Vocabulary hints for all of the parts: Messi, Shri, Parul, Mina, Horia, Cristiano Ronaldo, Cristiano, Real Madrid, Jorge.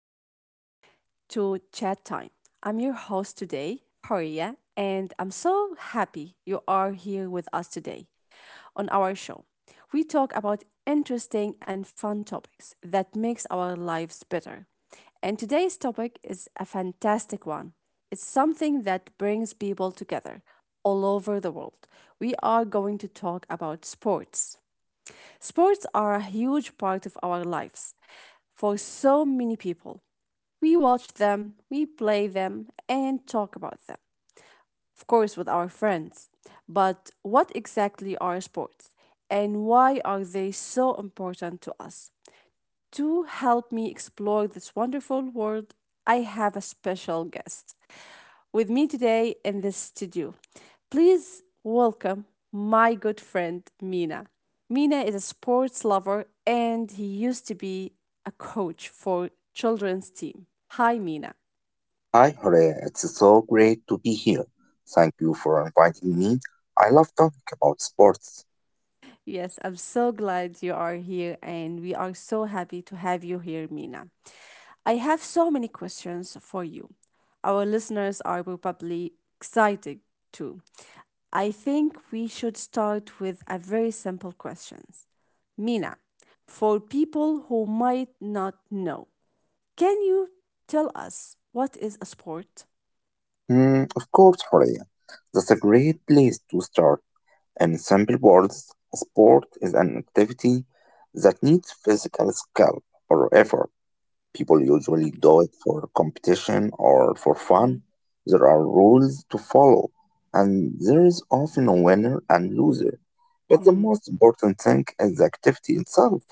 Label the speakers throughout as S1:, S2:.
S1: welcome to Chat Time. I'm your host today, Horia, and I'm so happy you are here with us today on our show. We talk about interesting and fun topics that makes our lives better. And today's topic is a fantastic one. It's something that brings people together all over the world. We are going to talk about sports. Sports are a huge part of our lives for so many people. We watch them, we play them, and talk about them. Of course, with our friends. But what exactly are sports? And why are they so important to us? To help me explore this wonderful world, I have a special guest with me today in this studio. Please welcome my good friend Mina. Mina is a sports lover and he used to be a coach for children's team. Hi Mina.
S2: Hi, Jorge. It's so great to be here. Thank you for inviting me. I love talking about sports.
S1: Yes, I'm so glad you are here and we are so happy to have you here Mina. I have so many questions for you. Our listeners are probably excited too. I think we should start with a very simple question. Mina, for people who might not know, can you tell us what is a sport?
S2: Of course, Jorge. That's a great place to start. In simple words, a sport is an activity that needs physical skill or effort. People usually
S1: Okay.
S2: do it for competition or for
S1: hmm
S2: fun. There are rules to follow, and there is often a winner and loser. But the
S1: hmm
S2: most important thing is the activity itself.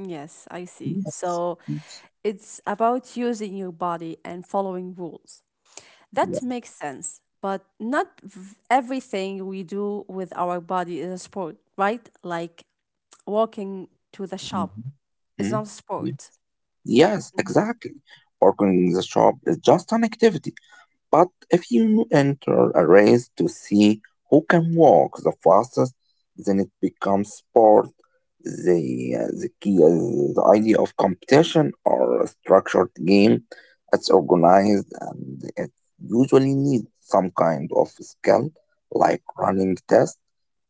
S1: Yes, I see.
S2: Yes.
S1: So
S2: Yes.
S1: it's about using your body and following rules.
S2: Yeah.
S1: That makes sense, but not v- everything we do with our body is a sport, right? Like walking to the shop
S2: Mhm.
S1: is
S2: Mhm.
S1: not a
S2: Yeah.
S1: sport.
S2: Yes, exactly. Working in the shop is just an activity. But if you enter a race to see who can walk the fastest, then it becomes sport. The key is the idea of competition or a structured game. It's organized and it usually needs some kind of skill, like running test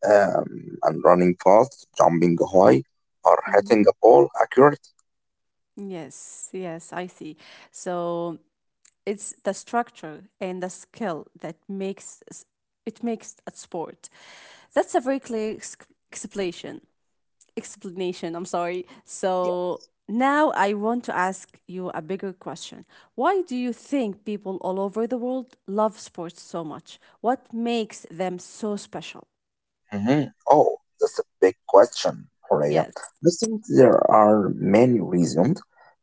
S2: and running fast, jumping high, or
S1: Mhm.
S2: hitting a ball accurately.
S1: Yes, I see. So it's the structure and the skill that it makes a sport. That's a very clear ex- explanation. Explanation, I'm sorry. So now I want to ask you a bigger question. Why do you think people all over the world love sports so much? What makes them so special?
S2: hmm Oh, that's a big question, Horea.
S1: Yes.
S2: I think there are many reasons.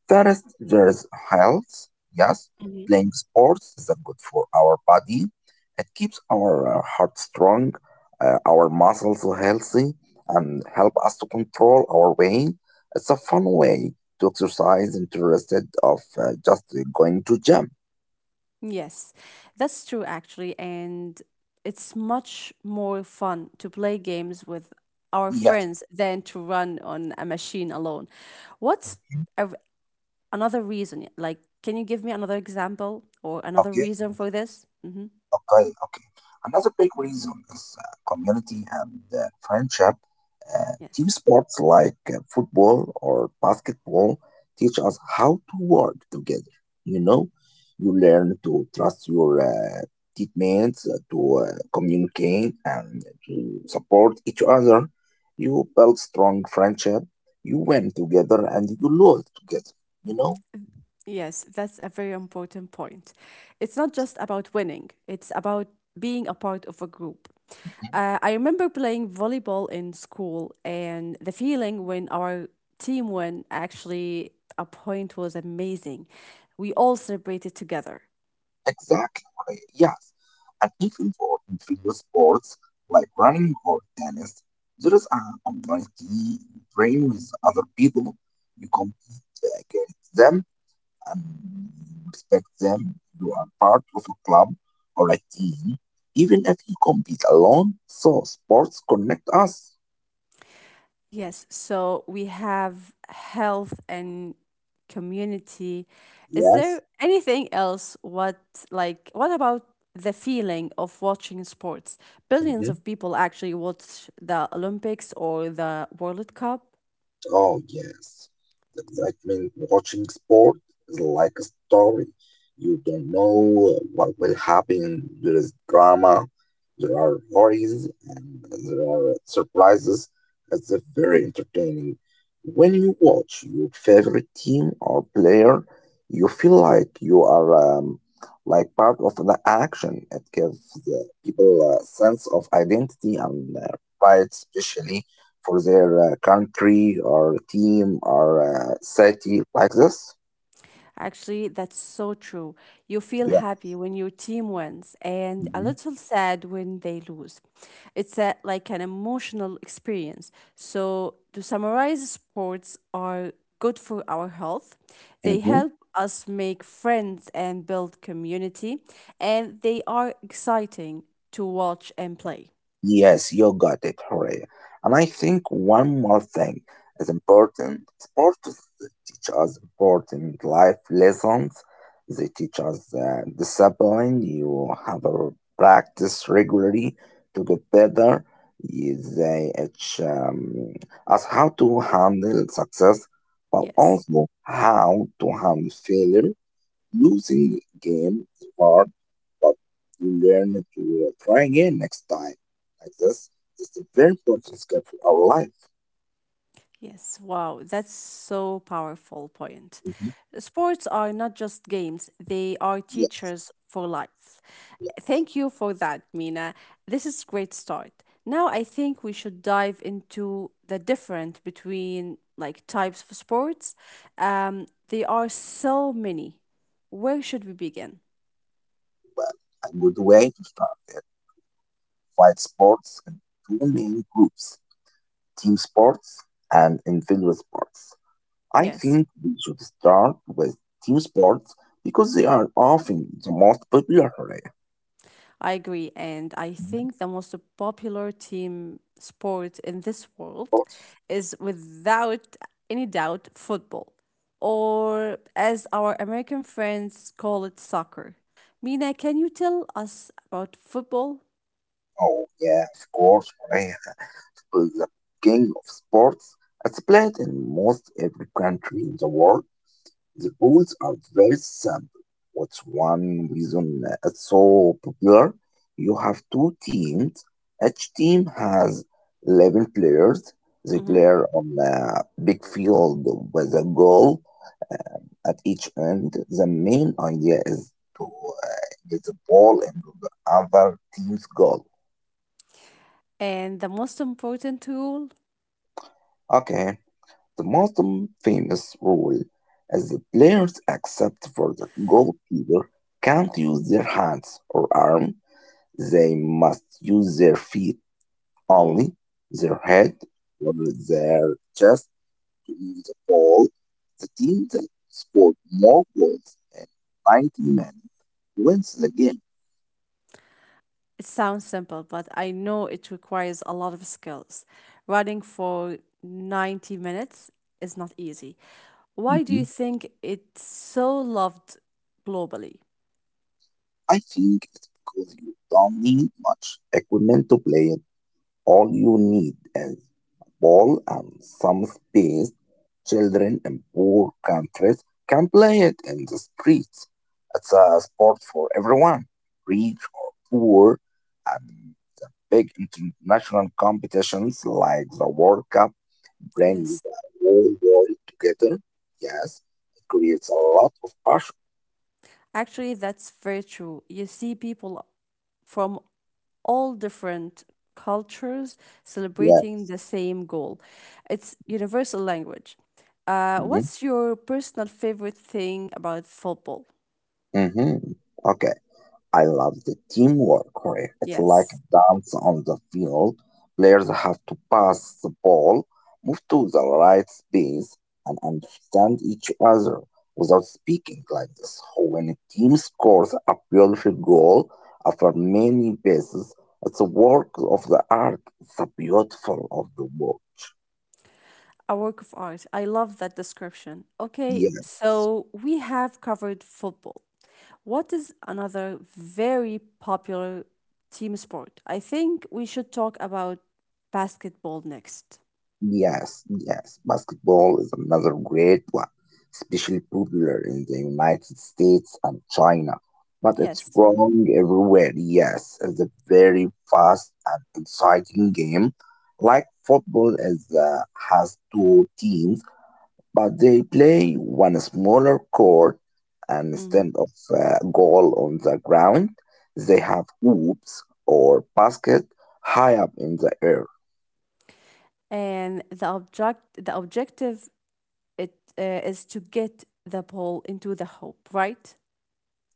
S2: First, there's health. Yes, playing sports is good for our body. It keeps our heart strong, our muscles healthy, and help us to control our weight. It's a fun way to exercise instead of just going to gym.
S1: Yes, that's true actually, and it's much more fun to play games with our
S2: Yes.
S1: friends than to run on a machine alone. What's a, r- another reason? Like, can you give me another example or another
S2: Okay.
S1: reason for this? Mm-hmm.
S2: Okay. Another big reason is community and friendship. Team
S1: Yes.
S2: sports like football or basketball teach us how to work together. You know, you learn to trust your teammates, to communicate, and to support each other. You build strong friendship. You win together and you lose together. You know.
S1: Yes, that's a very important point. It's not just about winning, it's about being a part of a group. I remember playing volleyball in school, and the feeling when our team won actually a point was amazing. We all celebrated together.
S2: Exactly, right, yes. And even for in sports like running or tennis, there is an online team you train with other people, you compete against them and you respect them. You are part of a club or a team, even if you compete alone. So sports connect us.
S1: Yes, so we have health and community. Is
S2: Yes.
S1: there anything else? What about the feeling of watching sports? Billions of people actually watch the Olympics or the World Cup.
S2: Oh, yes. The excitement watching sport is like a story. You don't know what will happen. There is drama, there are worries, and there are surprises. It's a very entertaining. When you watch your favorite team or player, you feel like you are like part of the action. It gives the people a sense of identity and pride, especially for their country or team or city like this?
S1: Actually, that's so true. You feel
S2: Yeah.
S1: happy when your team wins and a little sad when they lose. It's a, like an emotional experience. So, to summarize, sports are good for our health. They
S2: hmm
S1: help us make friends and build community, and they are exciting to watch and play.
S2: Yes, you got it, Horea. And I think one more thing is important. Sports teach us important life lessons. They teach us discipline. You have a practice regularly to get better. They teach us how to handle success, but
S1: Yes.
S2: also how to handle failure using games, but you learn to try again next time. Like this, it's a very important skill for our life.
S1: Yes, wow, that's so powerful point.
S2: Mm-hmm.
S1: Sports are not just games, they are
S2: Yeah,
S1: teachers for life.
S2: yeah,
S1: Thank you for that, Mina. This is great start. Now I think we should dive into the different between like types of sports. There are so many. Where should we begin?
S2: well, a good way to start it. Fight sports in two main groups team sports and individual sports. I
S1: Yes.
S2: think we should start with team sports because they are often the most popular. Right?
S1: I agree. And I
S2: Of
S1: think the most popular team sport in this world
S2: course.
S1: is without any doubt football, or as our American friends call it, soccer. Mina, can you tell us about football?
S2: Oh, yeah, of course. Korea is the king of sports. It's played in most every country in the world. The polls are very simple. What's one reason it's so popular? You have two teams. Each team has 11 players. They play
S1: hmm
S2: on a big field with a goal at each end. The main idea is to get the ball into the other team's goal.
S1: And the most important rule?
S2: Okay. The most famous rule is that players, except for the goalkeeper, can't use their hands or arm. They must use their feet
S1: Oh.
S2: only, their head or their chest to win the ball. The team that scored more goals in 90 minutes wins the game.
S1: It sounds simple, but I know it requires a lot of skills. Running for 90 minutes is not easy. Why do
S2: Mhm.
S1: you think it's so loved globally?
S2: I think it's because you don't need much equipment to play. All you need is a ball and some space. Children in poor countries can play it in the streets. It's a sport for everyone, rich or poor, and big international competitions like the World Cup brings
S1: Yes.
S2: the whole world together. Yes, it creates a lot of passion.
S1: Actually, that's very true. You see people from all different cultures
S2: Yes.
S1: celebrating the same goal. It's universal language.
S2: Mm-hmm.
S1: What's your personal favorite thing about football?
S2: Mm-hmm. Okay. I love the teamwork here. It's like
S1: Yes.
S2: a dance on the field. Players have to pass the ball, move to the right space, and understand each other without speaking like this. So when a team scores a beautiful goal after many passes, it's a work of the art. It's a beautiful of the work.
S1: A work of art. I love that description. Okay,
S2: Yes.
S1: so we have covered football. What is another very popular team sport? I think we should talk about basketball next.
S2: Yes, basketball is another great one, especially popular in the United States and China. But it's
S1: Yes.
S2: wrong everywhere. Yes, it's a very fast and exciting game. Like football is has two teams, but they play one smaller court and
S1: Mhm.
S2: instead of a goal on the ground, they have hoops or basket high up in the air.
S1: And the objective it is to get the ball into the hoop, right?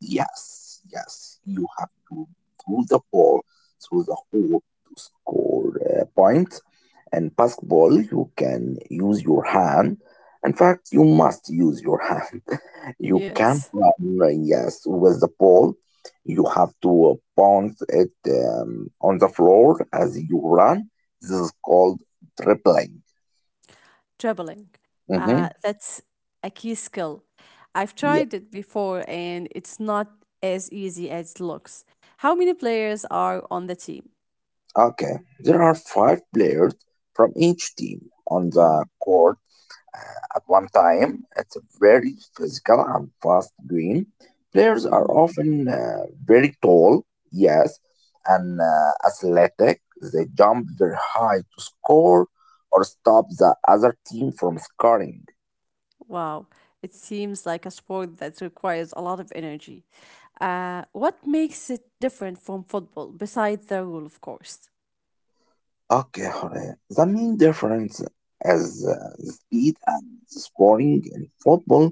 S2: Yes, you have to throw the ball through the hole to score a point. And basketball, you can use your hand. In fact, you must use your hand. You can't
S1: Yes.
S2: run, yes, with the ball. You have to bounce it on the floor as you run. This is called dribbling.
S1: Traveling.
S2: Mm-hmm.
S1: That's a key skill. I've
S2: Yeah.
S1: tried it before and it's not as easy as it looks. How many players are on the team?
S2: Okay. There are five players from each team on the
S1: hmm
S2: court at one time. It's a very physical and fast game. Players are
S1: hmm
S2: often very tall, yes, and athletic. They jump very high to score or stop the other team from scoring.
S1: Wow, it seems like a sport that requires a lot of energy. What makes it different from football, besides the rule, of course?
S2: Okay, Jorge. The main difference is the speed and the scoring in football.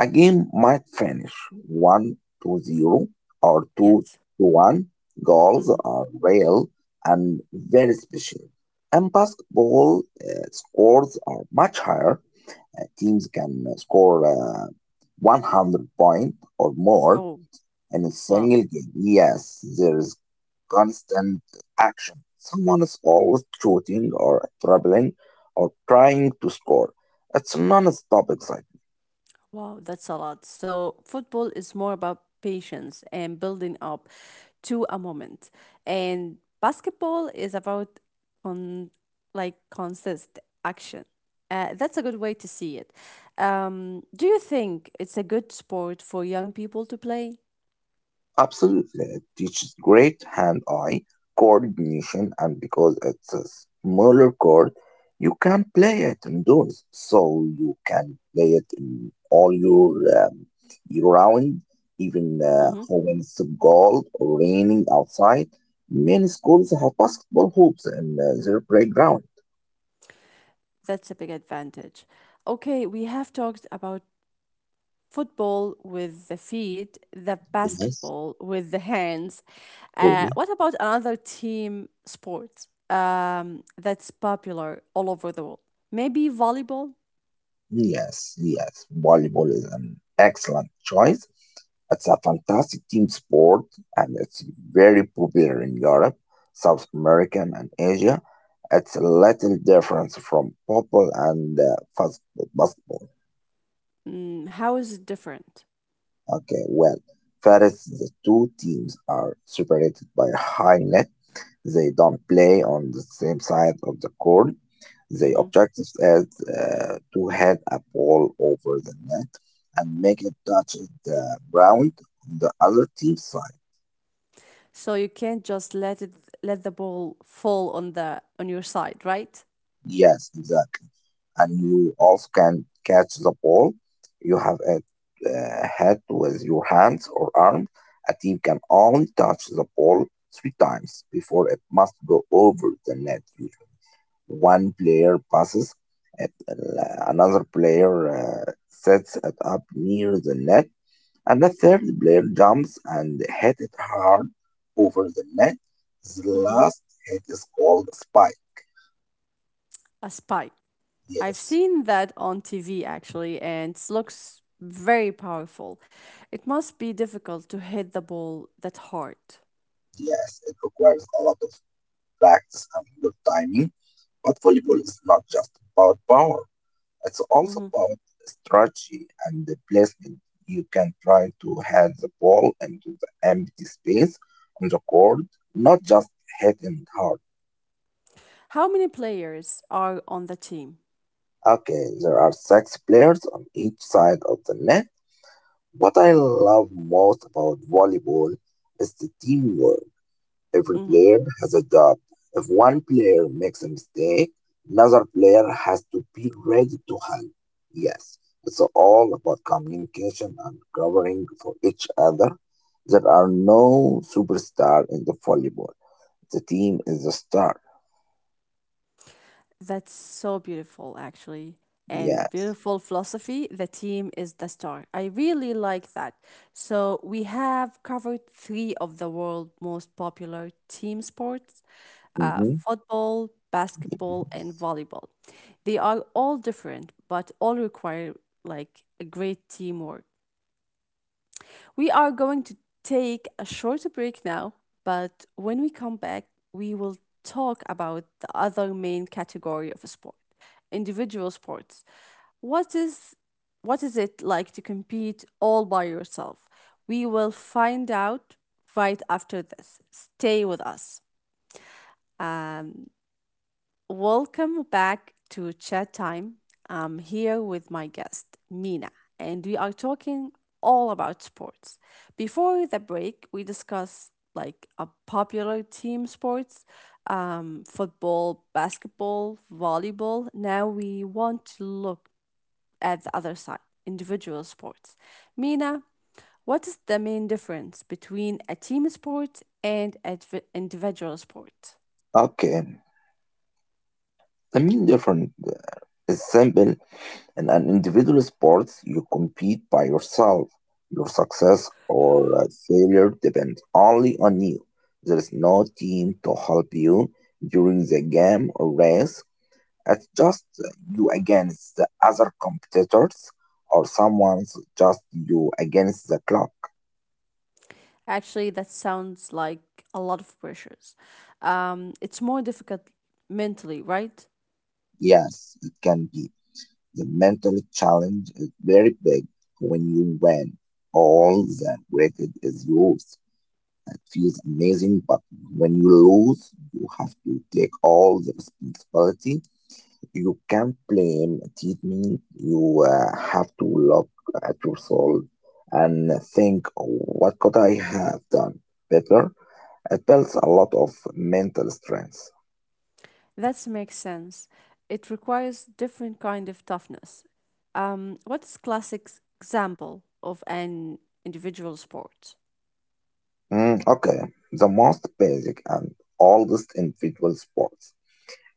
S2: A game might finish 1 to 0 or 2
S1: Yes.
S2: to 1. Goals
S1: hmm
S2: are real and very special. In basketball, scores are much higher. Teams can score 100 points or more
S1: Oh,
S2: in a
S1: wow.
S2: single game. Yes, there is constant action. Someone is always shooting or dribbling or trying to score. It's non-stop excitement.
S1: Wow, that's a lot. So, football is more about patience and building up to a moment. And basketball is about on like consist action. That's a good way to see it. Do you think it's a good sport for young people to play?
S2: Absolutely. It teaches great hand eye coordination, and because it's a smaller chord, you can play it indoors. So you can play it in all your year round, even
S1: Mm-hmm.
S2: when it's cold or raining outside. Many schools have basketball hoops in their playground.
S1: That's a big advantage. Okay, we have talked about football with the feet, the
S2: Yes.
S1: basketball with the hands. What about another team sport that's popular all over the world? Maybe volleyball.
S2: Yes. Volleyball is an excellent choice. It's a fantastic team sport and it's very popular in Europe, South America, and Asia. It's a little different from football and basketball.
S1: Mm, how is it different?
S2: Okay, well, first, the two teams are separated by a high net. They don't play on the same side of the court. The
S1: Mhm.
S2: objective is to head a ball over the net and make it touch the ground on the other team's side.
S1: So you can't just let it let the ball fall on the on your side, right?
S2: Yes, exactly. And you also can catch the ball. You have a head with your hands or arms. A team can only touch the ball three times before it must go over the net. One player passes at another player sets it up near the net, and the third player jumps and hits it hard over the net. The
S1: Mhm.
S2: last hit is called a spike.
S1: A spike. I've
S2: Yes,
S1: seen that on TV actually, and it looks very powerful. It must be difficult to hit the ball that hard.
S2: yes, it requires a lot of practice and good timing, but volleyball is not just about power. It's also about strategy and the placement. You can try to head the ball into the empty space on the court, not just hitting hard.
S1: How many players are on the team?
S2: Okay, there are six players on each side of the net. What I love most about volleyball is the teamwork. Every
S1: hmm
S2: player has a job. If one player makes a mistake, another player has to be ready to help. Yes, it's all about communication and covering for each other. There are no superstar in the volleyball. The team is the star.
S1: That's so beautiful, actually. And
S2: Yes.
S1: beautiful philosophy. The team is the star. I really like that. So, we have covered three of the world's most popular team sports,
S2: hmm
S1: football, basketball, and volleyball. They are all different, but all require like a great teamwork. We are going to take a short break now, but when we come back, we will talk about the other main category of a sport, individual sports. What is what is it like to compete all by yourself? We will find out right after this. Stay with us. Um, Welcome back to Chat Time. I'm here with my guest, Mina, and we are talking all about sports. Before the break, we discuss like a popular team sports, football, basketball, volleyball. Now we want to look at the other side, individual sports. Mina, what is the main difference between a team sport and an individual sport?
S2: Okay. The main difference is simple. In an individual sport, you compete by yourself. Your success or failure depends only on you. There is no team to help you during the game or race. It's just you against the other competitors, or someone's just you against the clock.
S1: Actually, that sounds like a lot of pressures. It's more difficult mentally, right?
S2: Yes, it can be. The mental challenge is very big when you win. All that weight is yours. It feels amazing, but when you lose, you have to take all the responsibility. You can't blame treatment. You have to look at yourself and think, what could I have done better? It builds a lot of mental strength.
S1: That makes sense. It requires different kind of toughness. What's example of an individual sport?
S2: Mm, okay, the most basic and oldest individual sports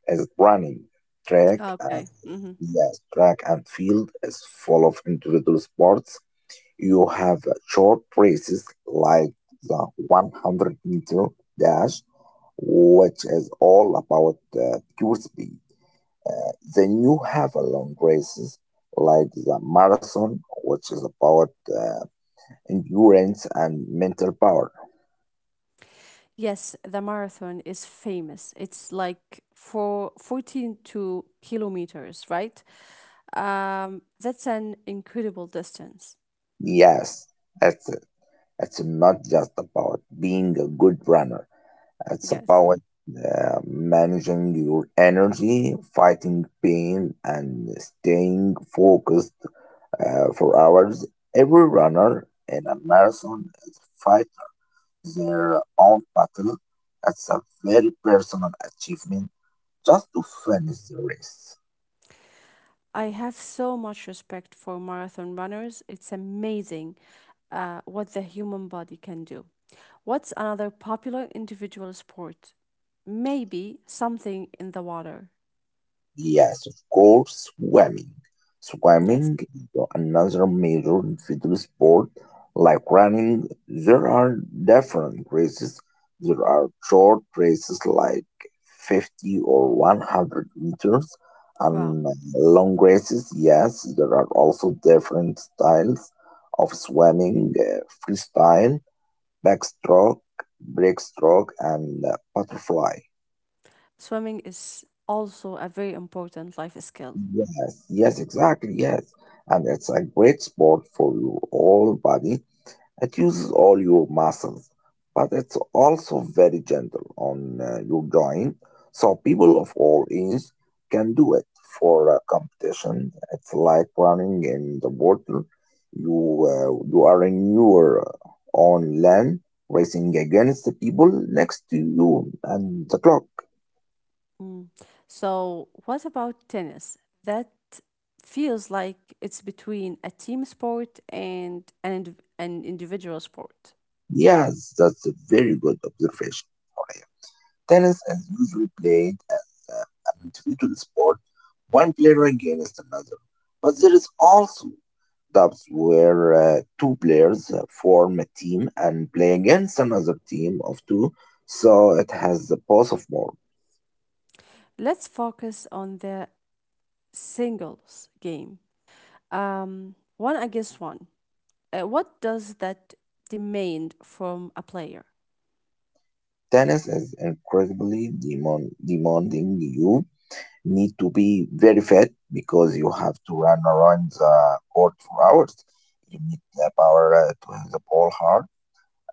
S2: is running. Track, uh,
S1: Okay.
S2: yes, track and field is full of individual sports. You have short races like the 100-meter dash, which is all about pure speed. Then you have a long races like the marathon, which is about endurance and mental power.
S1: Yes, the marathon is famous. It's like for 14 to kilometers, right? That's an incredible distance.
S2: Yes, it's, it's not just about being a good runner, it's
S1: Yes.
S2: about managing your energy, fighting pain, and staying focused. For hours, every runner in a marathon is fighting their own battle. It's a very personal achievement just to finish the race.
S1: I have so much respect for marathon runners. It's amazing what the human body can do. What's another popular individual sport? Maybe something in the water.
S2: Yes, of course, swimming.
S1: Yes.
S2: Swimming is another major individual sport. Like running, there are different races. There are short races like 50 or 100 meters,
S1: Wow.
S2: and long races. Yes, there are also different styles of swimming freestyle, backstroke, breaststroke, and butterfly.
S1: Swimming is also a very important life skill.
S2: Yes, exactly, yes. And it's a great sport for your whole body. It uses all your muscles, but it's also very gentle on your joint. So people of all ages can do it for a competition. It's like running in the water. You are in your own land, racing against the people next to you and the clock.
S1: Mm. So, what about tennis? That feels like it's between a team sport and an individual sport.
S2: Yes, that's a very good observation. Tennis is usually played as an individual sport, one player against another. But there is also dubs where two players form a team and play against another team of two, so it has the both of more.
S1: Let's focus on the singles game. One against one. What does that demand from a player?
S2: Tennis is incredibly demanding. You need to be very fit because you have to run around the court for hours. You need the power to hit the ball hard.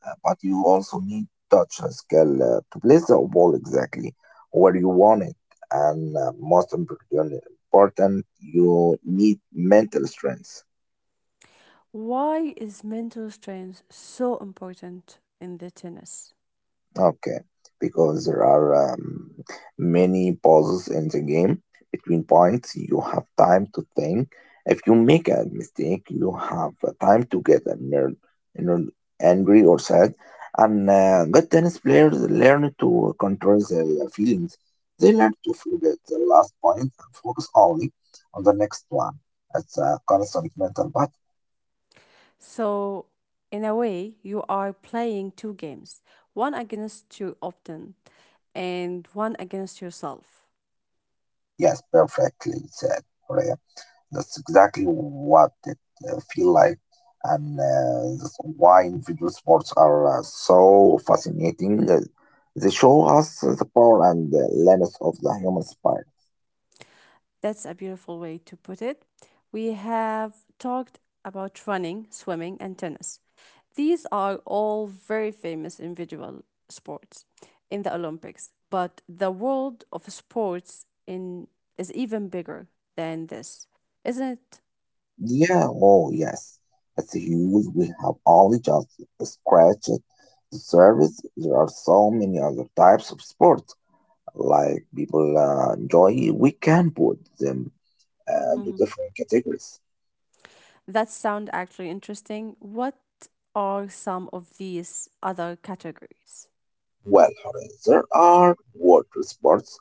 S2: But you also need touch skill to place the ball exactly where you want it. And most important, you need mental strength.
S1: Why is mental strength so important in the tennis?
S2: Okay, because there are many pauses in the game between points. You have time to think. If you make a mistake, you have time to get annoyed, angry or sad. And good tennis players learn to control their feelings. They learn to forget the last point and focus only on the next one. It's a constant mental battle.
S1: So, in a way, you are playing two games, one against your opponent and one against yourself.
S2: Yes, perfectly said, Rhea. That's exactly what it feel like, and that's why individual sports are so fascinating. They show us the power and the limits of the human spirit.
S1: That's a beautiful way to put it. We have talked about running, swimming, and tennis. These are all very famous individual sports in the Olympics, but the world of sports in is even bigger than this, isn't it?
S2: Yeah, oh yes, it's huge. We have only just scratched the surface. There are so many other types of sports, like people enjoy. We can put them into
S1: hmm
S2: different categories.
S1: That sound actually interesting. What are some of these other categories?
S2: Well, Hore, there are water sports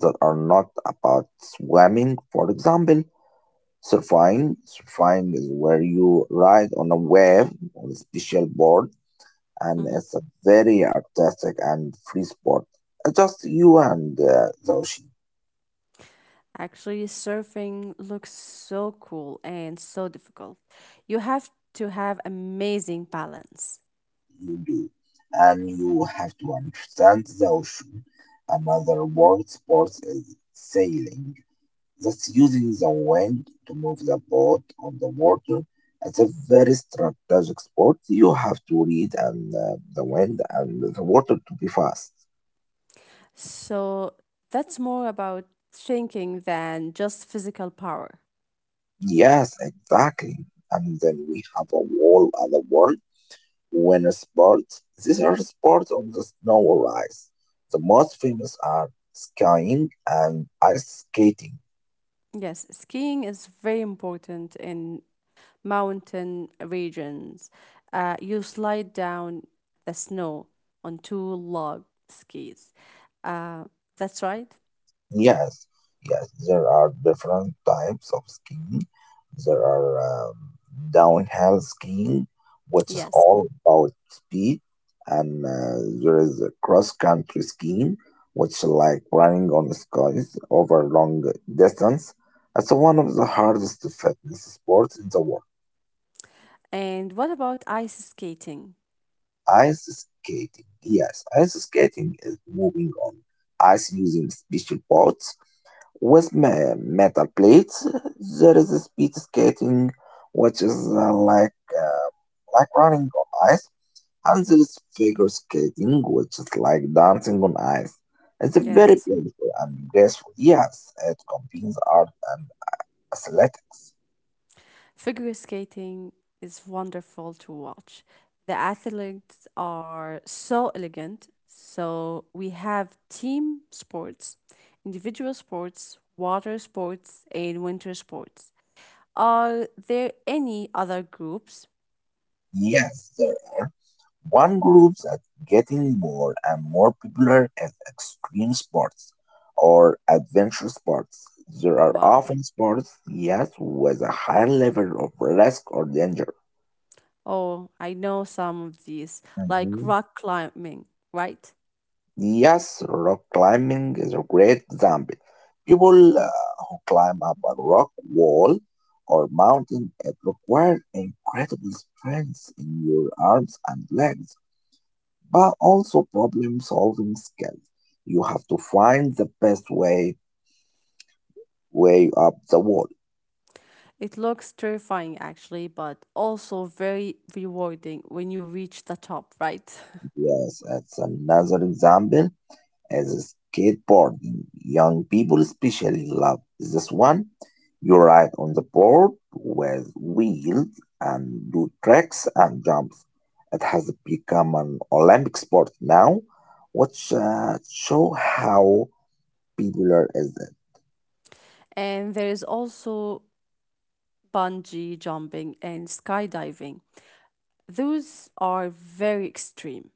S2: that are not about swimming. For example, surfing. Surfing is where you ride on a wave on a special board, and
S1: Mm-hmm.
S2: it's a very artistic and free sport. It's just you and the ocean.
S1: Actually, surfing looks so cool and so difficult. You have to have amazing balance.
S2: You do, and you have to understand the ocean. Another water sport is sailing. That's using the wind to move the boat on the water. It's a very strategic sport. You have to read and the wind and the water to be fast.
S1: So that's more about thinking than just physical power.
S2: Yes, exactly. And then we have a whole other world. Winter sports. These are sports on the snow or ice. The most famous are skiing and ice skating.
S1: Yes, skiing is very important in mountain regions. You slide down the snow on two log skis. Uh, that's right.
S2: Yes, yes, there are different types of skiing. There are um, downhill skiing, which is
S1: Yes.
S2: all about speed, and there is a cross-country skiing, which is like running on the skies over long distance. It's one of the hardest fitness sports in the world.
S1: And what about ice skating?
S2: Ice skating, yes, ice skating is moving on ice using special boats. Metal plates, there is speed skating, which is like running on ice, and there is figure skating, which is like dancing on ice. It's a very
S1: Yes.
S2: beautiful and graceful. Yes, it combines art and athletics.
S1: Figure skating is wonderful to watch. The athletes are so elegant. So we have team sports, individual sports, water sports, and winter sports. Are there any other groups?
S2: Yes, there. One group that's getting more and more popular is extreme sports or adventure sports. There are
S1: Wow.
S2: often sports, yes, with a high level of risk or danger.
S1: Oh, I know some of these, like
S2: Mhm.
S1: rock climbing, right?
S2: Yes, rock climbing is a great example. People who climb up a rock wall or mountain, it requires incredible strength in your arms and legs, but also problem solving skills. You have to find the best way way up the wall.
S1: It looks terrifying actually, but also very rewarding when you reach the top, right?
S2: Yes, that's another example as skateboarding. Young people especially love this one. You ride on the board with wheels and do tricks and jumps. It has become an Olympic sport now, which show how popular is it.
S1: And there is also bungee jumping, and skydiving. Those are very extreme.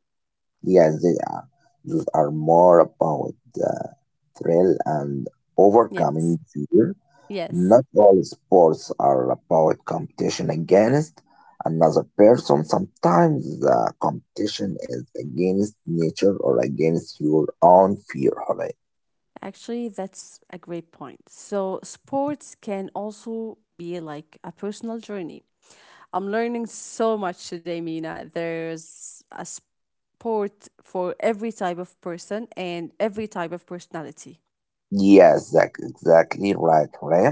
S2: Yes, they are. Those are more about the thrill and overcoming
S1: Yes,
S2: fear.
S1: yes.
S2: Not all sports are about competition against another person. Sometimes the competition is against nature or against your own fear, Hooray.
S1: Actually, that's a great point. So, sports can also be like a personal journey. I'm learning so much today, Mina. There's a sport for every type of person and every type of personality.
S2: Yes, that's exactly right, Hooray.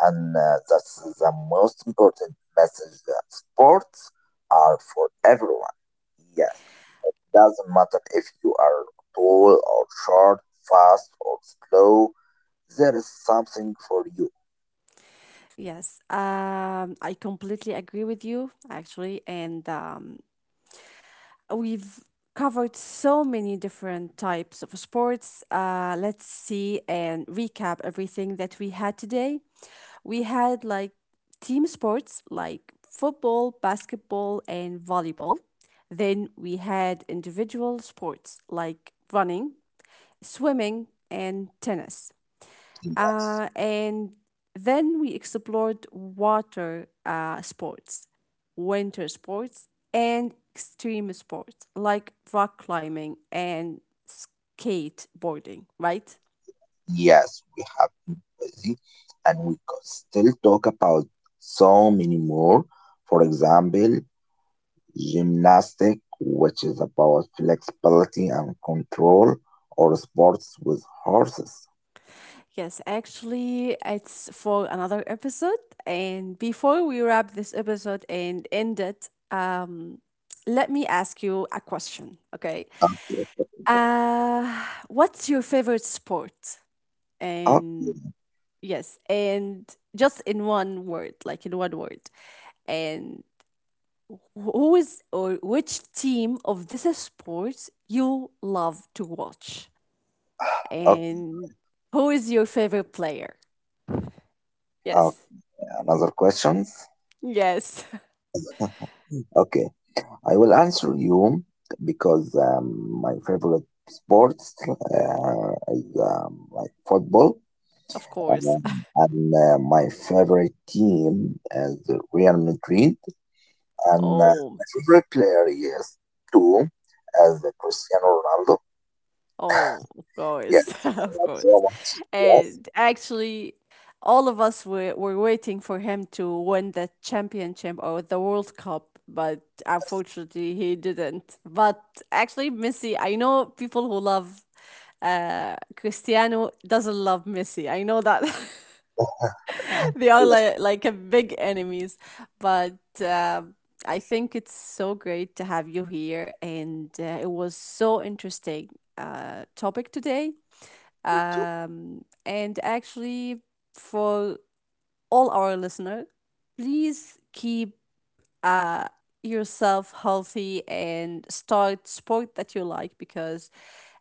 S2: And that's the most important message, that sports are for everyone. Yes. Doesn't matter if you are tall or short, fast or slow, there is something for you.
S1: Yes, I completely agree with you, actually. And we've covered so many different types of sports. Let's see and recap everything that we had today. We had like team sports like football, basketball, and volleyball. Then we had individual sports like running, swimming, and tennis.
S2: Yes,
S1: And then we explored water sports, winter sports, and extreme sports like rock climbing and skateboarding, right?
S2: yes, we have been busy and we could still talk about so many more. For example, gymnastic, which is about flexibility and control, or sports with horses.
S1: Yes, actually, it's for another episode. And before we wrap this episode and end it, let me ask you a question, okay?
S2: Okay, okay,
S1: What's your favorite sport?
S2: okay,
S1: And Yes, and just in one word, like in one word. And who is or which team of this sport you love to watch? And who is your favorite player?
S2: okay.
S1: Yes.
S2: Another questions?
S1: Yes.
S2: Okay. I will answer you because my favorite sports is like football,
S1: Of course.
S2: and my favorite team is Real Madrid, and
S1: Oh.
S2: my favorite player is too, as Cristiano Ronaldo.
S1: Oh, of course,
S2: Yes,
S1: of
S2: that's so
S1: course.
S2: much. Yes,
S1: And actually, all of us were waiting for him to win the championship or the World Cup, but unfortunately, he didn't. But actually, Messi, I know people who love Cristiano doesn't love Messi. I know that they are
S2: yes.
S1: like a big enemies, but um I think it's so great to have you here, and it was so interesting topic today. And actually, for all our listener, please keep uh, yourself healthy and start sport that you like because,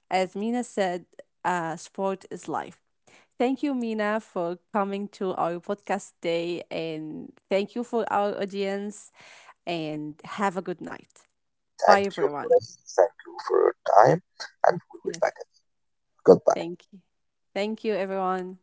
S1: as Mina said, sport is life. Thank you, Mina, for coming to our podcast day, and thank you for our audience. And have a good night. Bye,
S2: Thank you, for-
S1: everyone.
S2: Thank you for your time, and we will
S1: Yes,
S2: back. Goodbye.
S1: thank you. Thank you, everyone.